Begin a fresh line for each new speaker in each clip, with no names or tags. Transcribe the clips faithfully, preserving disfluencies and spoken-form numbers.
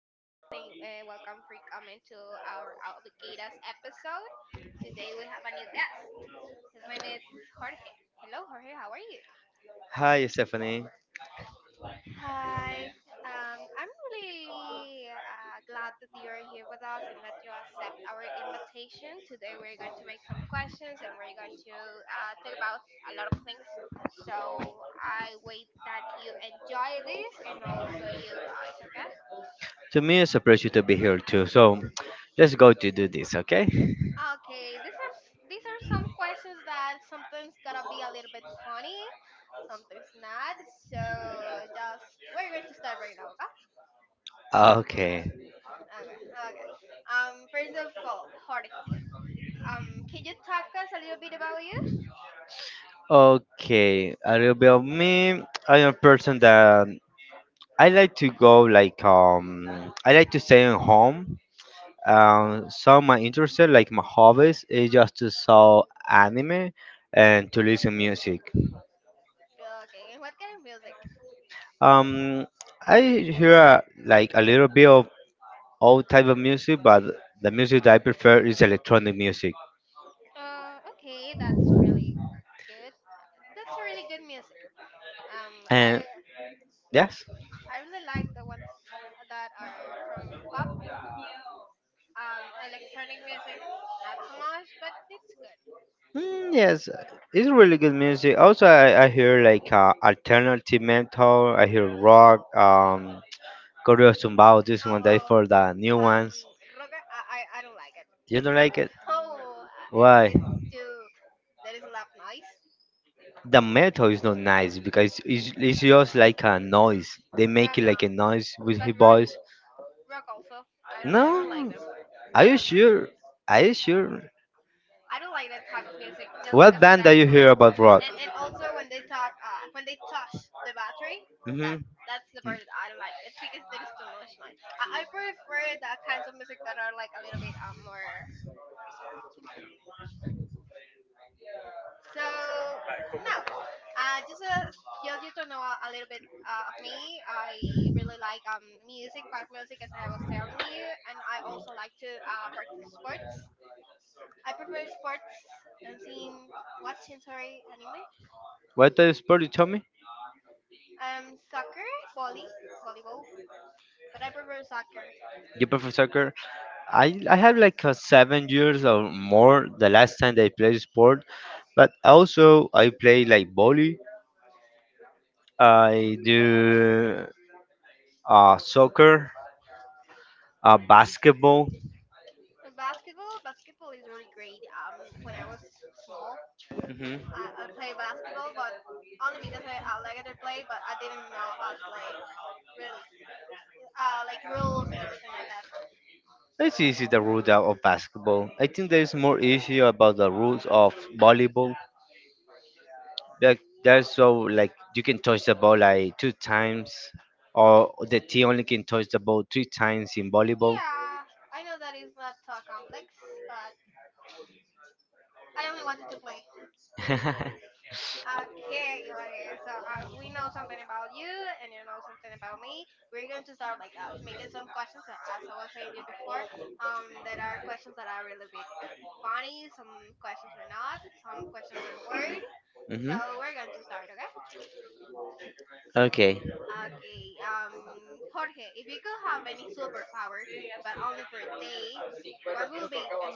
friends. Thank, uh, welcome for coming to our Avocados episode. Today we have a new guest. His name is Jorge. Hello, Jorge. How are you?
Hi, Stephanie.
Hi. Um, I'm really uh, glad that you are here with us and that you accept our invitation. Today we're going to make some questions and we're going to uh, talk about a lot of things. So I wait that you enjoy this and also you guys, okay?
To me, it's a pleasure to be here too. So, let's go to do this, okay?
Okay, these are s- these are some questions that sometimes gotta be a little bit funny, sometimes not. So just we're going to start right now, okay?
Okay.
Okay, okay. Um, first of all, Jorge. Um, can you talk us a little bit about you?
Okay. A little bit of me. I am a person that I like to go like um. I like to stay at home. Um, some of my interests, like my hobbies, is just to saw anime and to listen music.
Okay, and what kind of music?
Um, I hear like a little bit of all type of music, but the music that I prefer is electronic music.
Uh, okay, that's really good. That's a really good music. Um,
And
I
Yes.
I really like the ones that are from pop. Um, electronic music, not so much, but it's good.
Mm, yes. It's really good music. Also, I, I hear like uh, alternative metal. I hear rock. Um, Coreo Tumbao. This
Oh,
one that
oh,
for the new
um,
ones.
rock. I, I, I don't like it.
You don't like it?
No,
Why?
it's too. That is a lot noise.
The metal is not nice because it's, it's just like a noise. They
No,
make it
no,
like a noise with
but
his
rock,
voice.
rock also. I don't, I don't like
No.
them.
Are
I
you
don't,
sure? Are you sure?
I don't like that type of music just
What
because of
band do
that.
you hear about rock?
And and also when they talk, uh, when they touch the battery. that
Mhm.
that's the part that I don't like. It's because there is too much noise. I, I prefer the kinds of music that are like a little bit um more. So now, uh, just uh, just you to know a, a little bit uh, of me. I really like um music, pop music, as I was telling you, and I also like to uh, practice sports. I prefer sports, dancing, watching, sorry, anime,
What type of sport you tell me?
um, soccer, volley, volleyball, but I prefer soccer.
You prefer soccer? I I have like uh, seven years or more the last time that I played sport, but also I play like volley. I do uh soccer, uh basketball.
Uh, Basketball, basketball is really great. Um, when I was small, I, I played basketball, but only because I, I liked to play, but I didn't know how to play it really. uh, like rules and everything like that.
Let's easy the rules out of basketball. I think there is more issue about the rules of volleyball. Like there's so like you can touch the ball like two times, or the team only can touch the ball three times in volleyball.
Yeah, I know that is not uh, complex, but I only wanted to play. Okay, Jorge. So as we know something about you and you know something about me, we're going to start like uh, making some questions. So as I was saying you before, um, there are questions that are a little bit funny. Some questions are not. Some questions are weird.
Mhm.
So we're going to start. Okay.
Okay.
Okay. Um, Jorge, if you could have any superpower, but only for a day, what will it be and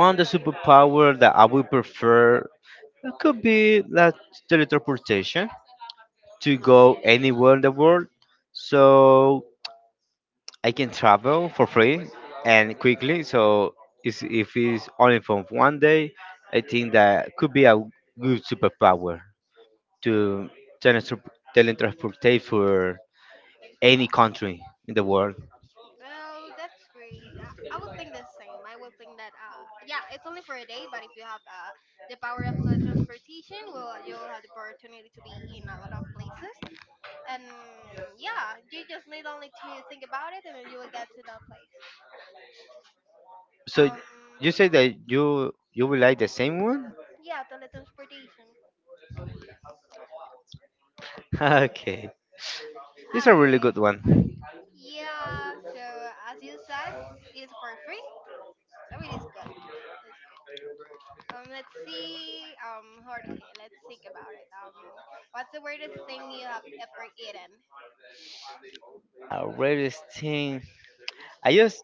One the superpower that I would prefer, it could be like teleportation to go anywhere in the world. So I can travel for free and quickly. So it's, if it's only for one day, I think that could be a good superpower to teletransport teletransportate for any country in the world.
Oh, that's great. I, I would think the same. I would think that, uh, yeah, it's only for a day, but if you have uh, the power of teletransportation, well, you'll have the opportunity to be in a lot of places. And yeah, you just need only to think about it and then you will get to that place.
So
Um,
you say that you you will like the same one?
yeah, teletransportation.
Okay, it's a really
Okay.
good one.
Yeah, so as you said, it is for free, so it is good. It's good. Um, let's see, um, Jorge, let's think about it. Um, what's the weirdest thing you have ever eaten?
A rarest thing. I just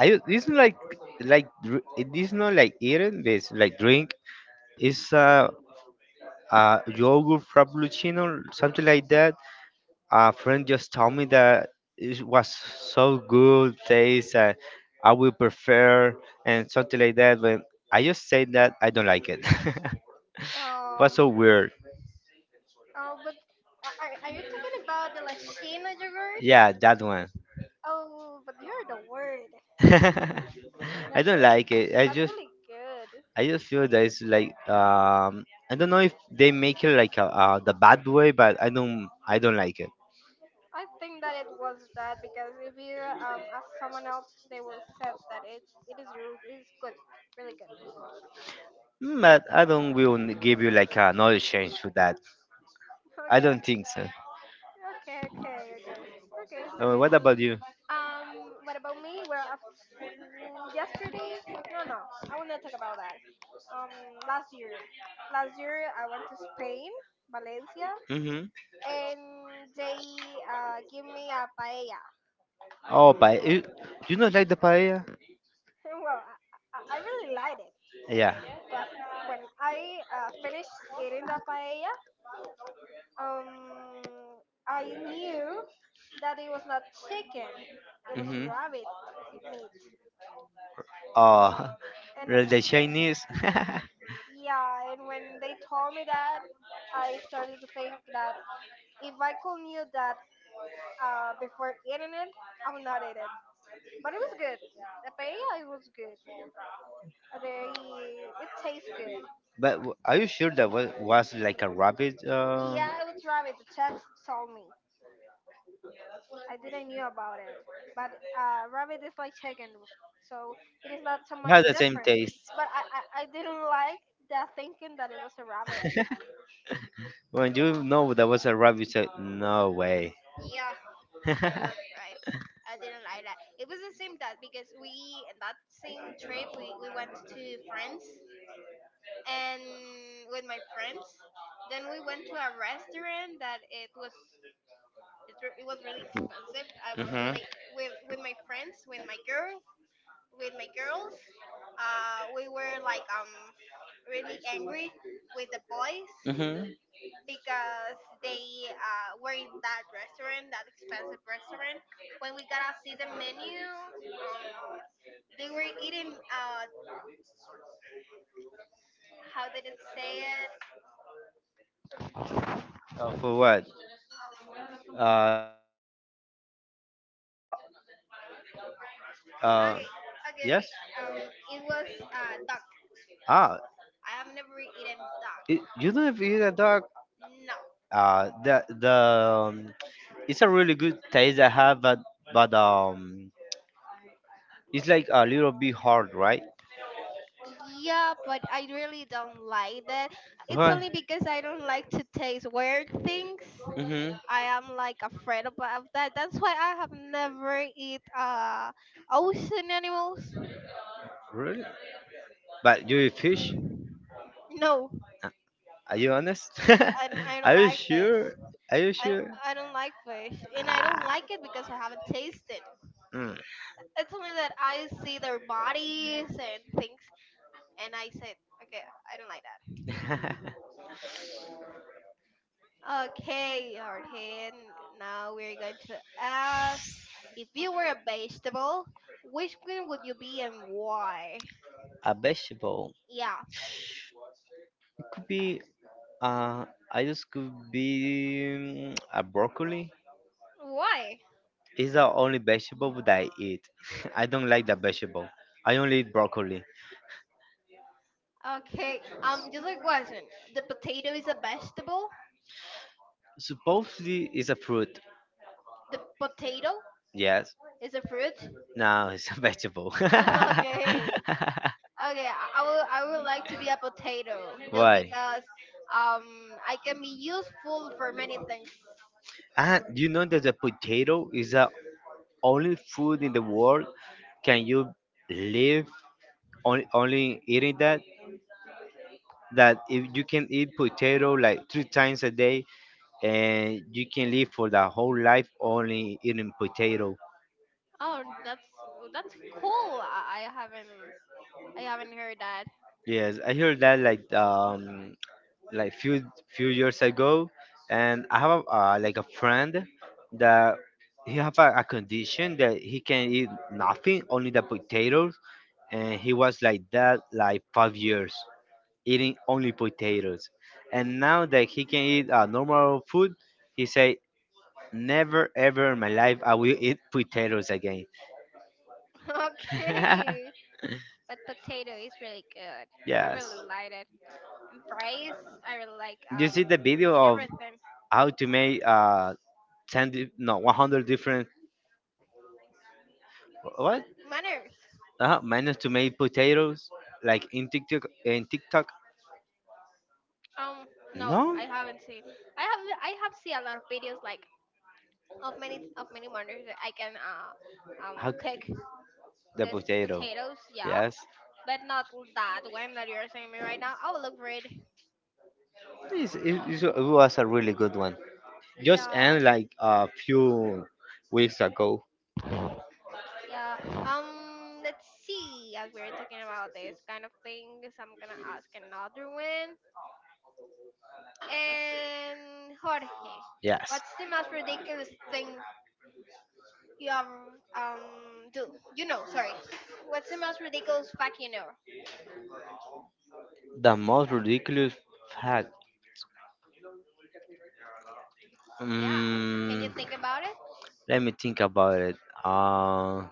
I ju- it's not like like dr- it is not like eating, but it's like drink. It's a uh, yogurt frappuccino, something like that. A friend just told me that it was so good taste. Uh, I will prefer and something like that. But I just say that I don't like it.
Oh,
Was so weird.
oh, but uh, are, are you talking about the Lashima yogurt?
Yeah, that one.
Oh, but you're the word.
I
That's
don't
really,
like it. I
that's
just
really good.
I just feel that it's like um I don't know if they make it like a, uh, the bad way, but I don't I don't like.
I think that it was that because if you um ask someone else, they will say that it's it is your it's good, really good.
Mm, but I don't will n- give you like a knowledge change for that. I don't think so.
Okay, okay, okay, okay, okay. It's
Uh,
good.
what about you?
Um, what about me? Well, of- mm, yesterday? No, no, I will not talk about that. Um, last year, last year I went to Spain, Valencia,
Hmm.
and they uh, give me a paella.
Oh, but you, you not like the paella?
Well, I, I I really liked it,
Yeah.
but when I uh, finished eating the paella, um, I knew that it was not chicken; it was
Hmm.
rabbit meat,
Oh,
and
really, the Chinese.
Yeah, and when they told me that, I started to think that if I could knew that uh, before eating it, I would not eat it. But it was good. The paella, it was good. Uh, They, it tastes good.
But w- are you sure that was, was like a rabbit? Uh,
Yeah, it was rabbit. The chef told me. I didn't knew about it. But uh, rabbit is like chicken, so it is not so
it
much
had the same
different.
taste.
But I, I, I didn't like the thinking that it was a rabbit.
When you know that was a rabbit, you said, no way.
Yeah. Yeah, that's right. I didn't like that. It was the same that because we in that same trip we, we went to France and with my friends. Then we went to a restaurant that it was it, re- it was really expensive. I was really with with my friends, with my girl, with my girls. Uh, we were like um really angry with the boys
Mhm. Mhm.
because they uh, were in that restaurant, that expensive restaurant. When we got to see the menu, um, they were eating. Uh, how did it say it?
Uh, for what? Uh, uh,
Okay,
yes.
okay. Um, it was uh, duck.
Ah,
I have never eaten duck.
it, you don't have eaten a dog.
No.
Uh, the the um, it's a really good taste I have, but but um, it's like a little bit hard, right?
Yeah, but I really don't like that. It's only
Right.
because I don't like to taste weird things.
Mhm.
I am like afraid about that. That's why I have never eat uh ocean animals.
Really? But you eat fish?
No,
Are you honest?
I don't I don't
Are you
like fish.
sure? Are you
I,
sure?
I don't like fish, and I don't
Ah,
like it because I haven't tasted.
mm.
It's only that I see their bodies and things, and I said, okay, I don't like that. Okay, Artin. Now we're going to ask if you were a vegetable, which one would you be and why?
A vegetable.
Yeah,
It could be. Uh, I just could be mm, a broccoli.
why?
It's the only vegetable that I eat. I don't like that vegetable. I only eat broccoli.
Okay. Um, just a question. The potato is a vegetable.
Supposedly it's
Mm.
a fruit.
The potato
Yes.
is a fruit.
No, it's a vegetable.
Okay. Okay, I I will. I would like to be a potato just
Why?
because um I can be useful for many things.
And you know that the potato is the only food in the world, can you live on only eating that? That if you can eat potato like three times a day and you can live for the whole life only eating potato.
Oh, that's oh, that's cool. I, I haven't I haven't heard that.
Yes, I heard that like um like few few years ago, and I have a, uh, like a friend that he have a, a condition that he can eat nothing, only the potatoes, and he was like that like five years eating only potatoes. And now that he can eat uh, normal food, he said, never ever in my life i will eat potatoes again.
Okay, but potato is really good. I
Yes,
really like it. And fries, I really like
you
um
see the video
in
of
everything.
how to make uh ten, di- no one hundred different, what
Manners.
uh, manners to make potatoes, like, in tiktok in tiktok
Um, no,
no.
I haven't seen. I have I have seen a lot of videos like of many of many manners that I can uh um
How
cook
the
This
potato?
potatoes, yeah,
Yes,
but not that one that you're saying me right now. I will look for it.
this it, it it was a really good one. Just
Yeah,
end like a few weeks ago.
yeah. Um, let's see. As we're talking about this kind of things, I'm gonna ask another one. And Jorge,
Yes.
what's the most ridiculous thing you have um do? You know, sorry. What's the most ridiculous fact you know?
The most ridiculous fact.
Yeah. Can you
Mm,
think about
let me think about it. Uh,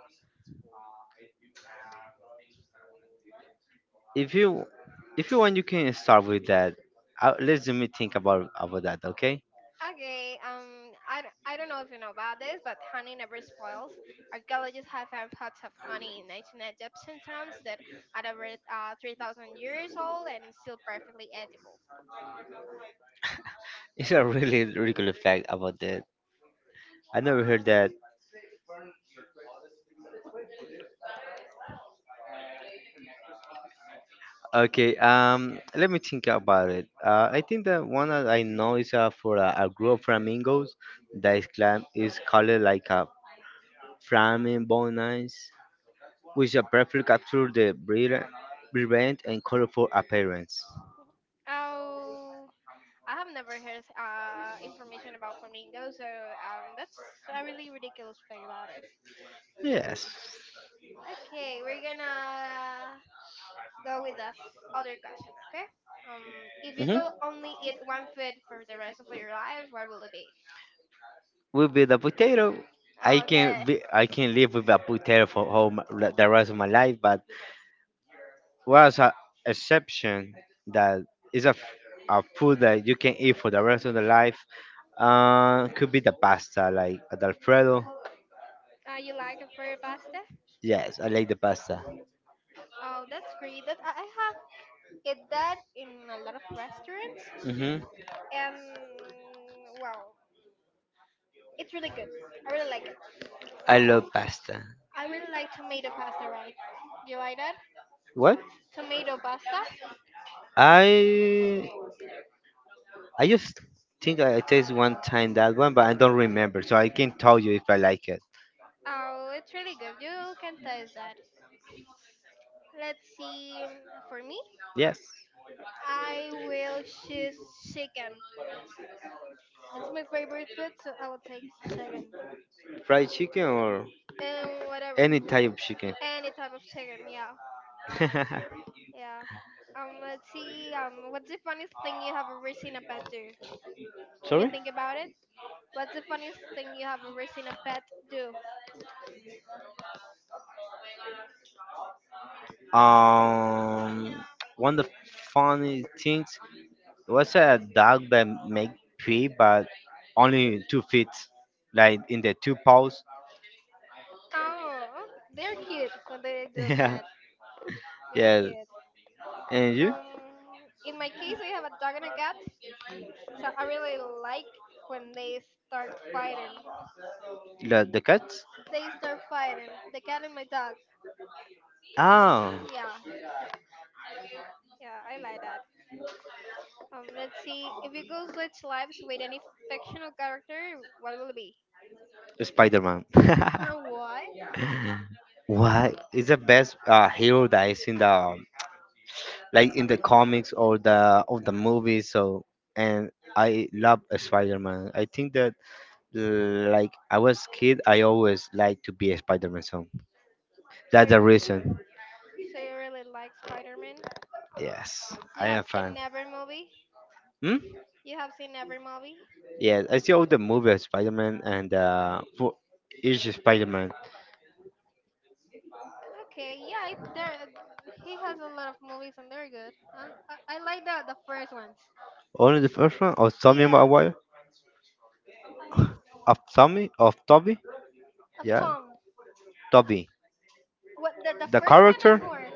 if you if you want, you can start with that. Uh, let me think about about that. Okay,
Okay, um, I, d- I don't know if you know about this, but honey never spoils. Archaeologists have found pots of honey in ancient Egyptian tombs that are over uh, three thousand years old and still perfectly edible.
it's a really ridiculous fact about that. I never heard that. Okay, um, let me think about it. Uh, I think the one that I know is uh, for a, a group of flamingos that is, clam- is called like a flamingonians, which uh, prefer capture the brilliant, brilliant and colorful appearance.
Oh, I have never heard uh, information about flamingos, so um, that's a really ridiculous fact about it.
Yes.
Okay, we're gonna go with this other question, okay? Um, if you
Hmm.
could only eat one food for the rest of your life, what will it be?
Will be the potato. I
Okay.
can be, I can live with a potato for whole, m- the rest of my life, but was an exception that is a, f- a food that you can eat for the rest of the life. Uh, could be the pasta, like at Alfredo.
Uh, you like the fire pasta?
Yes, I like the pasta.
Oh, that's great. That I I have eat that in a lot of restaurants,
Mm-hmm.
and well, it's really good. I really like it.
I love pasta.
I really like tomato pasta, right? You like that?
What?
Tomato pasta?
I I just think I taste one time that one, but I don't remember, so I can tell you if I like it.
Oh, it's really good. You can taste that. Let's see. mm, For me,
Yes,
I will choose chicken. It's my favorite food, so I will take chicken
fried chicken or
and whatever,
any type of chicken.
any type of chicken. Yeah. Yeah. Um, let's see. Um, what's the funniest thing you have ever seen a pet do? Can you
Sorry?
think about it? What's the funniest thing you have ever seen a pet do?
Um, One of the funny things was a dog that make pee, but only two feet, like in the two paws.
Oh, okay. They're cute when they do
Yeah,
that. They're
yeah.
cute.
And you,
Um, in my case, I have a dog and a cat, so I really like when they start fighting.
the the cats?
They start fighting. The cat and my dog.
Oh.
Yeah, yeah, I like that. Um, let's see. If you go switch lives with any fictional character, what will it be?
Spider-Man.
Uh, what?
Why is the best uh, hero that is in the like in the comics or the of the movies? So and I love Spider-Man. I think that uh, like I was kid, I always like to be a Spider-Man. So
So
that's the reason.
So you really like Spider-Man?
Yes,
You
I
have
am fan.
seen every movie?
Hmm?
You have seen every movie?
Yes, I see all the movie of Spider-Man and uh, for each Spider-Man.
Okay, yeah, it, there he has a lot of movies and they're good. I, I, I like the the first ones.
Only the first one of Tommy
Yeah,
Maguire,
mm,
of Tommy, of Toby.
of
Yeah,
Tom.
Toby.
What the the
The
first one of
character,
her?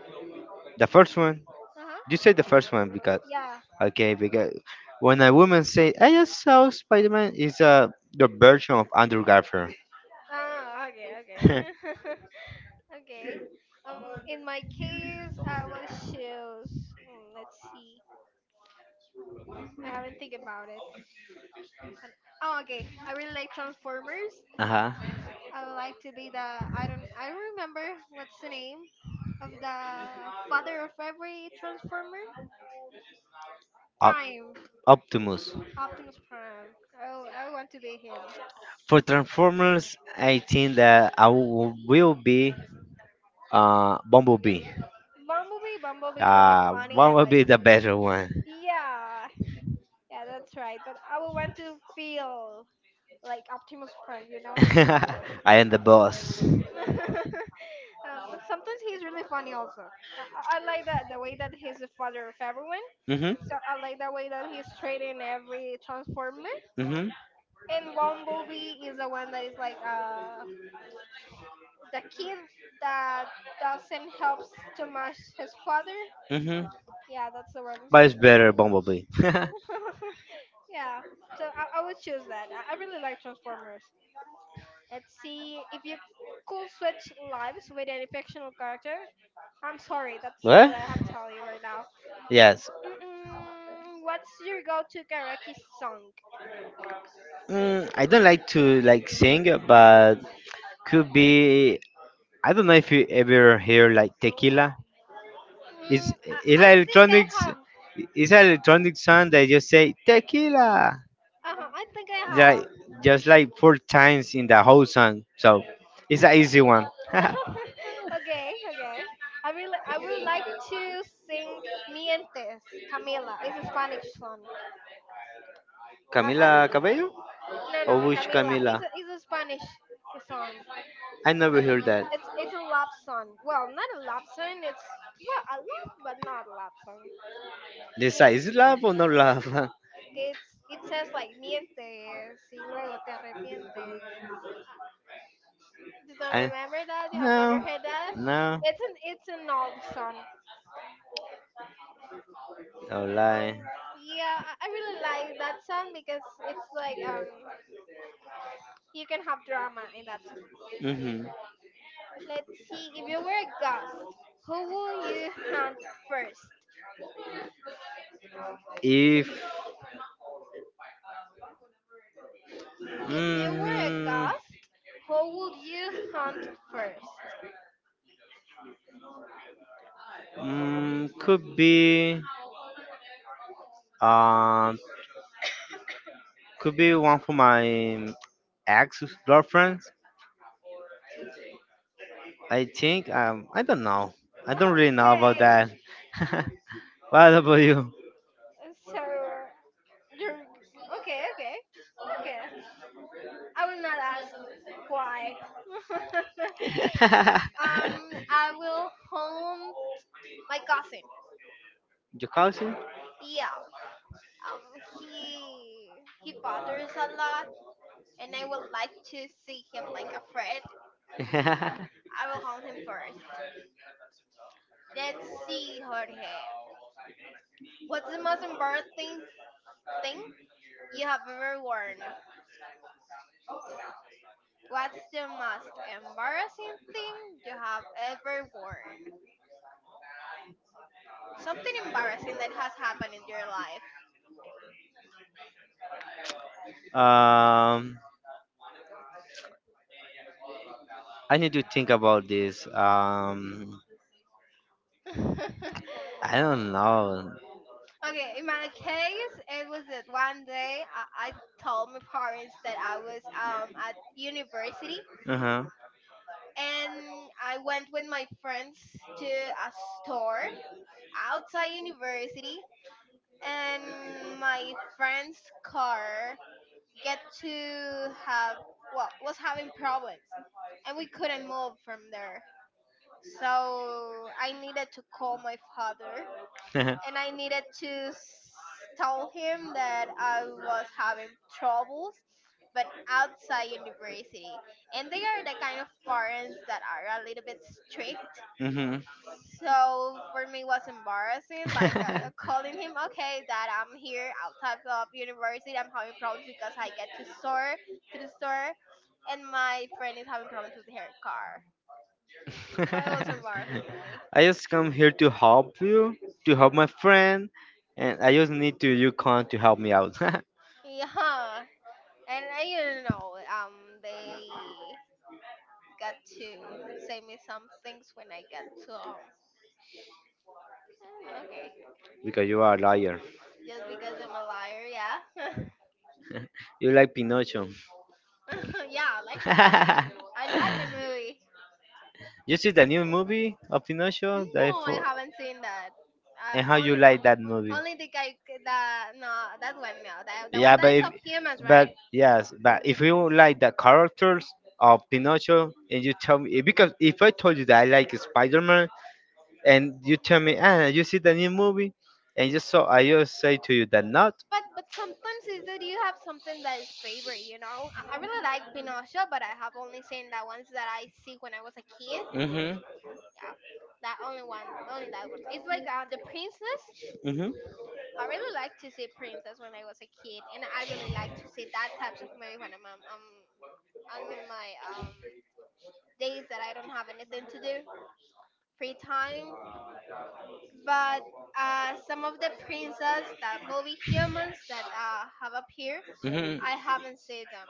the first one.
Uh huh.
You say the first one because,
Yeah.
okay, because when a woman say I just saw Spider Man, is uh, the version of Andrew Garfield.
Ah, okay, okay, okay. Um, in my case, I will choose. Mm, let's see. I haven't think about it. And- Oh, okay. I really like Transformers.
Uh-huh.
I would like to be the I don't I remember what's the name of the father of every transformer. Prime,
Op- Optimus.
Optimus Prime. I w- I want to be him.
For Transformers, I think that I w- will be uh Bumblebee.
Bumblebee, Bumblebee is really
Uh,
funny. I like.
Bumblebee the better one.
Yeah, yeah, that's right. But I would want to feel like Optimus Prime, you know.
I am the boss.
um, sometimes he's really funny also. I, I I like that the way that he's the father of everyone.
Mhm.
So I like the way that he's trading every transformer.
Mhm.
And Bumblebee is the one that is like uh the kid that doesn't help too much his father.
Mhm.
Yeah, that's the one.
But it's better Bumblebee.
yeah, so I, I would choose that. I, I really like Transformers. Let's see if you could switch lives with any fictional character. I'm sorry, that's the one
What?
that I have to tell you right now.
Yes.
Mm-mm, what's your go-to karaoke song?
Mm, I don't like to like sing, but could be. I don't know if you ever hear like tequila. It's
Mm, I,
it's
I
like
think I
electronics.
have.
It's an electronic song that just say tequila,
Uh-huh, I think I have.
like just like four times in the whole song. So it's an easy one.
okay, okay. I will. I would like to sing "Mientes," Camila. It's a Spanish song. Uh,
Camila
uh,
Cabello
no,
or
no,
which
Camila.
Camila?
It's a, it's a Spanish song.
I never heard that.
It's it's a love song. Well, not a love song. It's well a love, but not a love song.
The size
Mientes.
love or no love?
It's it says like mientes y luego te arrepientes. You don't
I,
remember that? You have never
no,
heard that?
no,
It's an it's an old song.
no
Um,
lie.
yeah, I I really like that song because it's like um, you can have drama in that song.
Hmm.
Let's see. If you were a ghost, who would you hunt first?
If
If you were a
mm,
ghost, who would you hunt first?
mm, could be um could be one for my ex girlfriend, I think, um I don't know. I don't really know about
Okay.
that. What about you?
So you're okay. Okay. Okay. I will not ask why. um, I will hunt my cousin.
Your cousin?
Yeah, um he he bothers a lot and I would like to see him like a friend. I will call him first. Let's see her hair. What's the most embarrassing thing you have ever worn? What's the most embarrassing thing you have ever worn? Something embarrassing that has happened in your life.
um, I need to think about this. Um, I don't know.
okay, in my case, it was that one day I, I told my parents that I was um at university
Uh huh.
and I went with my friends to a store outside university and my friend's car get to have well was having problems and we couldn't move from there. So I needed to call my father and I needed to s- tell him that I was having troubles but outside university and they are the kind of parents that are a little bit strict
Mm-hmm.
so for me, it was embarrassing, like uh, calling him, okay, that I'm here outside of university. I'm having problems because I get to store to the store, and my friend is having problems with her car. So it was embarrassing for me.
I just come here to help you, to help my friend, and I just need to you come to help me out.
Yeah, and I you know, um, they got to say me some things when I got to um, mm, okay,
Because you are a liar.
just because I'm a liar, yeah,
You like Pinocchio.
yeah, I like Venosa. I like the movie.
You see the new movie of Pinocchio? That I
No, I
fo-
haven't seen that.
And how
Uh,
you
only
like that movie?
only the guy that no that one no that the
Yeah,
one that
but
is
if,
of humans,
but
right?
yes, but
No.
if you like the characters of Pinocchio and you tell me because if I told you that I like Spider Man, and you tell me, ah, you see the new movie, and just so I just say to you that not.
But but sometimes is that you have something that is favorite, you know. I, I really like Pinocchio, but I have only seen the ones that I see when I was a kid.
Mhm.
Yeah, that only one, only that one. It's like uh, the princess.
Mhm.
I really like to see princess when I was a kid, and I really like to see that types of movie when I'm um, um I'm in my um days that I don't have anything to do. Free time. But uh, some of the princess that movie humans that uh, have appeared,
Mhm.
I haven't seen them.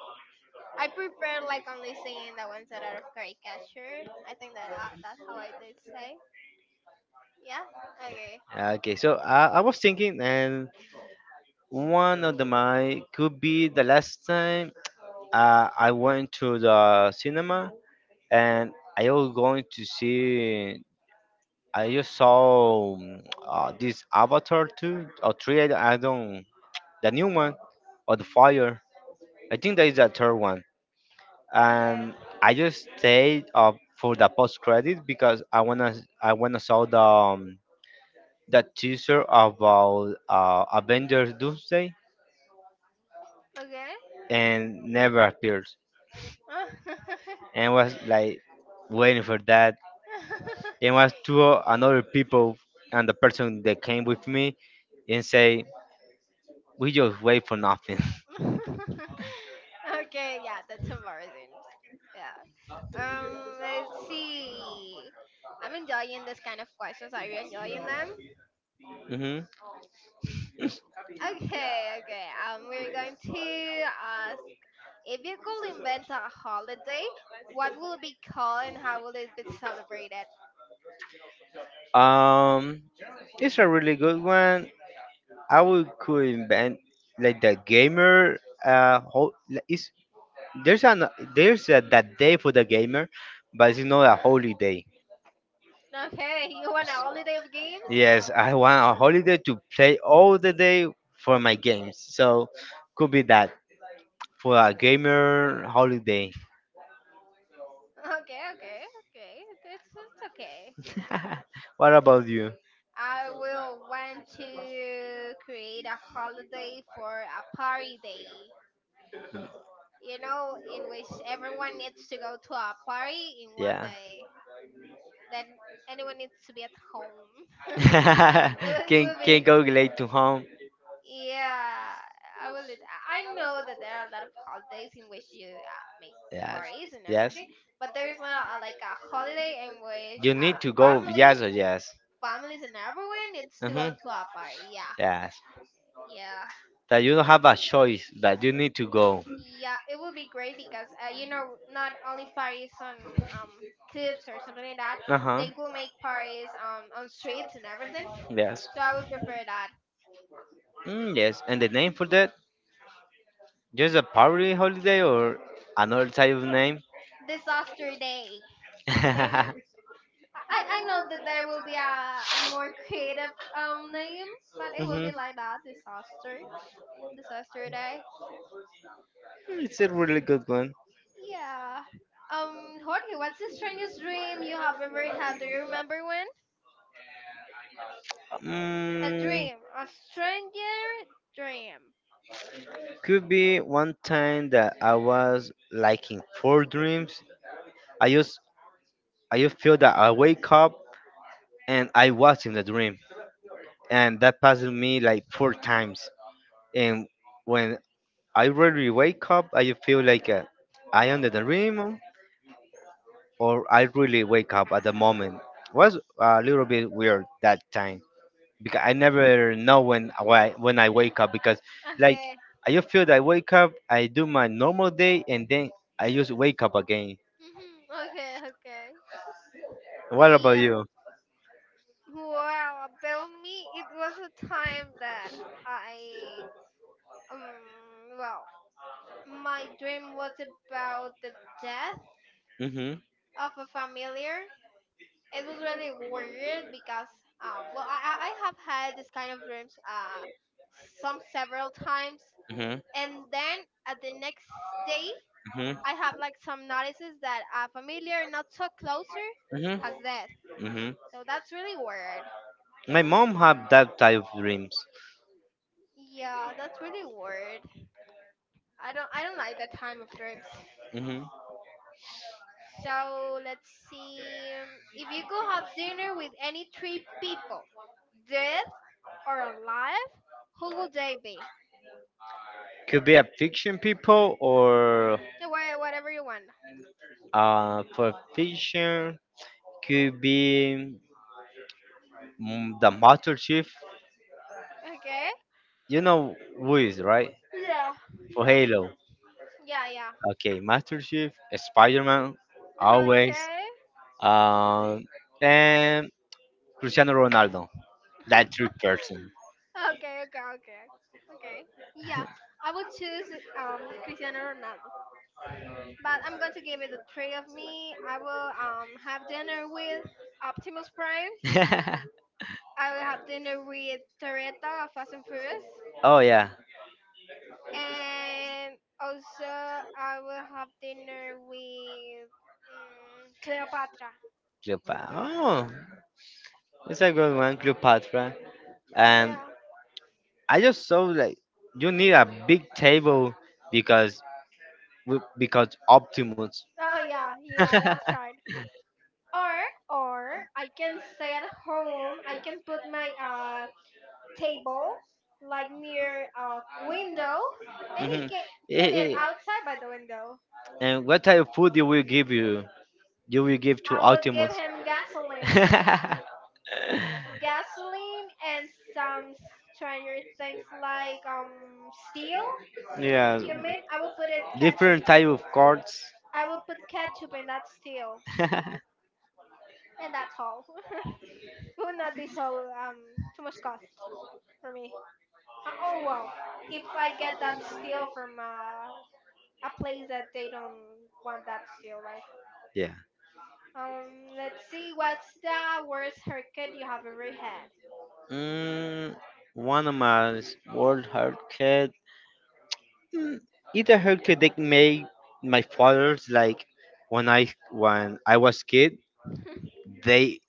I prefer like only seeing the ones that are of caricature. I think that uh, that's how I did say. Yeah. Okay.
Okay, so uh, I was thinking, and one of the my could be the last time uh, I went to the cinema, and I was going to see I just saw um, uh, this Avatar two or three. I I don't, the new one or the fire. I think that is the third one. And I just stayed up for the post credit because I wanna I wanna saw the um, the teaser about uh, Avengers Doomsday,
Mm.
and never appeared,
Okay.
and was like waiting for that,
Okay. Oh.
and was to another people, and the person that came with me and say we just wait for nothing.
okay, yeah, that's embarrassing. Yeah. Um, let's see. I'm enjoying this kind of questions. Are you enjoying them?
Hmm.
Okay, okay. Um, we're going to ask if you could invent a holiday, what will it be called and how will it be celebrated?
Um, it's a really good one. I would could invent like the gamer. Uh, whole is there's an there's a, that day for the gamer, but it's not a holiday.
Okay, you want a holiday of games?
Yes, I want a holiday to play all the day for my games. So could be that for a gamer holiday.
Okay, okay, okay. It's, it's okay.
What about you?
I will want to create a holiday for a party day, you know, in which everyone needs to go to a party in one
Yeah.
day. Then anyone needs to be at home. it
can
would be,
can go late to home.
yeah, I will. Do that. I know that there are a lot of holidays in which you uh, make
Yes.
parties and
Yes.
everything, but there is not a, like a holiday in which
You
uh,
need to go
family,
yes or yes.
families and everyone needs to go
Hmm.
to a party. Yeah,
Yes.
yeah.
That you don't have a choice, but you need to go.
Yeah, it would be great because uh, you know not only parties on um clips or something like that,
Uh huh.
they could make parties on on streets and everything.
Yes.
So I would prefer that.
Mm, yes. And the name for that? Just a party holiday or another type of name?
Disaster day, I think.
Mm-hmm.
I I know that there will be a a more creative um name, but it will be
Mm,
like that. Disaster, disaster day.
it's a really good one.
Yeah. Um, Jorge, what's the strangest dream you have ever had? Do you remember one? A
Mm,
dream, a stranger dream.
could be one time that I was like in four dreams. I just I just feel that I wake up and I was in the dream, and that passed me like four times. And when I really wake up, I just feel like uh, I am in the dream, or I really wake up at the moment. Was a little bit weird that time because I never know when why when I wake up because like
Okay.
I just feel that I wake up, I do my normal day, and then I just wake up again.
Mm-hmm. Okay, okay.
What about
Yeah.
you?
Well, about me, it was a time that I, um, well, my dream was about the death
Mhm.
of a familiar. It was really weird because, um, well, I, I I have had this kind of dreams, uh, some several times.
Mhm.
And then at the next day,
Mhm.
I have like some notices that a familiar not so closer
Mhm.
has death.
Mhm.
So that's really weird.
My mom had that type of dreams.
Yeah, that's really weird. I don't I don't like that time of trips.
Mhm.
So let's see. um, If you could have dinner with any three people, dead or alive, who would they be?
Could be a fiction people or
Uh, Wha- Whatever you want.
uh for fiction. Could be mm, the Master Chief.
Okay.
You know who is right
Yeah.
for
Yeah.
Halo.
Yeah. Yeah.
Okay, Master Chief, Spider Man, always,
Okay.
um, and Cristiano Ronaldo. That three person.
okay. Okay. Okay. Okay. Yeah. I would choose um Cristiano Ronaldo. But I'm going to give it the three of me. I will um have dinner with Optimus Prime. I will have dinner with Toretta of Fast and Furious,
Oh yeah,
and also I will have dinner with um, Cleopatra.
Cleopatra. Oh, it's like good one, Cleopatra. And
Yeah.
I just saw like you need a big table because because Optimus.
Oh yeah, yeah, that's right. Or or I can stay at home. I can put my uh table like near a window, and he
Mhm.
can can
Eh,
eat
eh.
outside by the window.
And what type of food you will give you? You will give to
I will give
Optimus.
him gasoline, gasoline, and some stranger things like um steel.
Yeah,
You mean I will put it ketchup.
different type of cards.
I will put ketchup in that steel, and that's all. it would not be so um too much cost for me. Uh, oh well, if I get that steel from uh, a place that they don't want that steel, right?
Yeah.
Um, let's see, what's the worst haircut you have ever had?
Mm, one of my world hard cat. Mm, it hurt to take my my fathers like when I when I was kid, they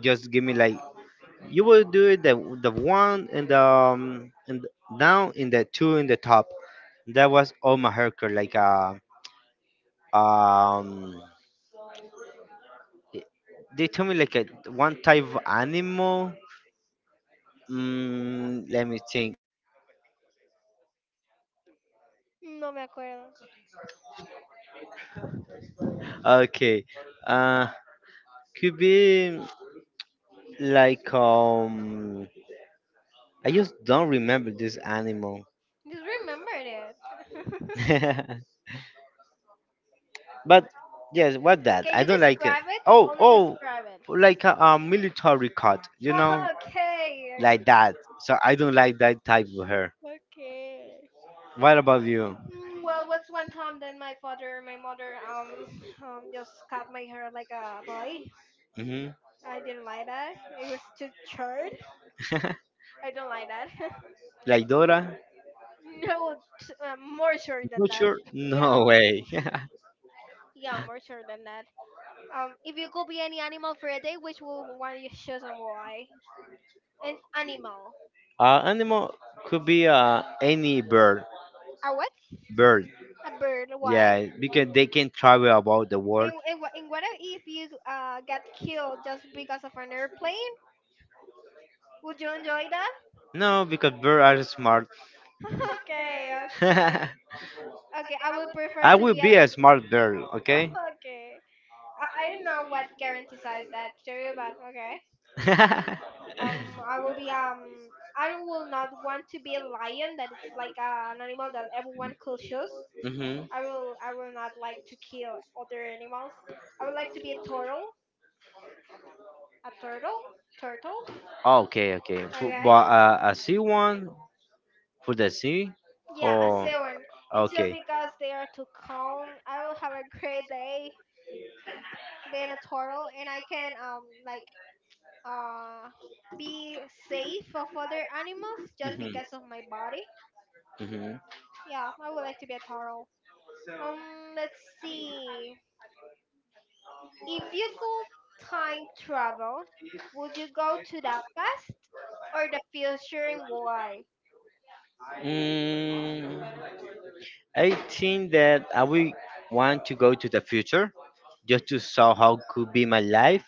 just give me like you will do it the the one and the um, and down in the two in the top. That was all my haircut like uh, um they told me like a one type of animal. Mm, let me think.
No me acuerdo.
Okay, uh, could be like um. I just don't remember this animal.
Just remembered it.
But yes, what that?
Can
I
you
don't like it.
describe it?
Oh,
Only
oh,
describe it.
like a, a military cut, you know,
Okay.
like that. So I don't like that type of hair.
Okay. Okay.
What about you?
Mm, Well, what's one time then my father, my mother, um, um, just cut my hair like a boy.
Hmm.
I didn't like that. It was too short. I don't like that.
Like Dora?
no, t- uh, more short than
Not
that.
sure?
Yeah,
No way.
yeah, more short than that. Um, if you could be any animal for a day, which will one you choose and why? An animal.
Uh, animal could be uh, any bird.
A what?
Bird.
A bird. Why?
Yeah, because they can travel about the world.
And, and, wha- and what if you uh, got killed just because of an airplane? Would you enjoy that?
No, because birds are smart.
okay, okay. Okay, I would prefer
I
to
will
be
be
at.
a smart girl, okay?
Okay. I, I don't know what guarantees that theory, but okay. Um, I will be. um. I don't- will not want to be a lion that it's like uh, an animal that everyone could choose.
Mhm.
I will. I will not like to kill other animals. I would like to be a turtle. A turtle. Turtle.
Okay, okay. Pu-
Okay.
But uh, a C one for the C,
Yeah, a
or
sewing. It's just
okay.
because they are too calm. I will have a great day being a turtle, and I can um like uh be safe of other animals just
Mhm.
because of my body.
Mhm.
Yeah, I would like to be a turtle. Um, let's see. If you could time travel, would you go to the past or the future, and why?
Mm, I think that I will want to go to the future just to saw how could be my life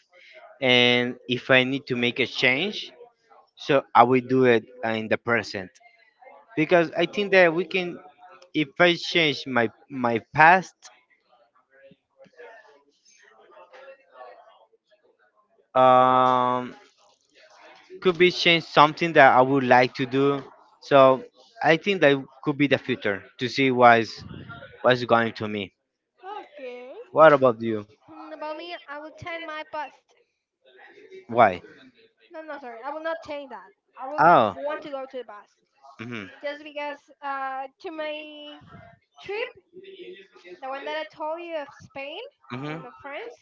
and if I need to make a change, so I will do it in the present because I think that we can if I change my my past, um, could be change something that I would like to do, so I think that could be the future to see what's what's going to me.
Okay.
What about you?
Hmm, about me, I would tend my past.
Why?
No, no, sorry. I will not change that. I will
Oh,
want to go to the bus
hmm.
just because uh, to my trip, the one that I told you of Spain
Hmm.
and of France,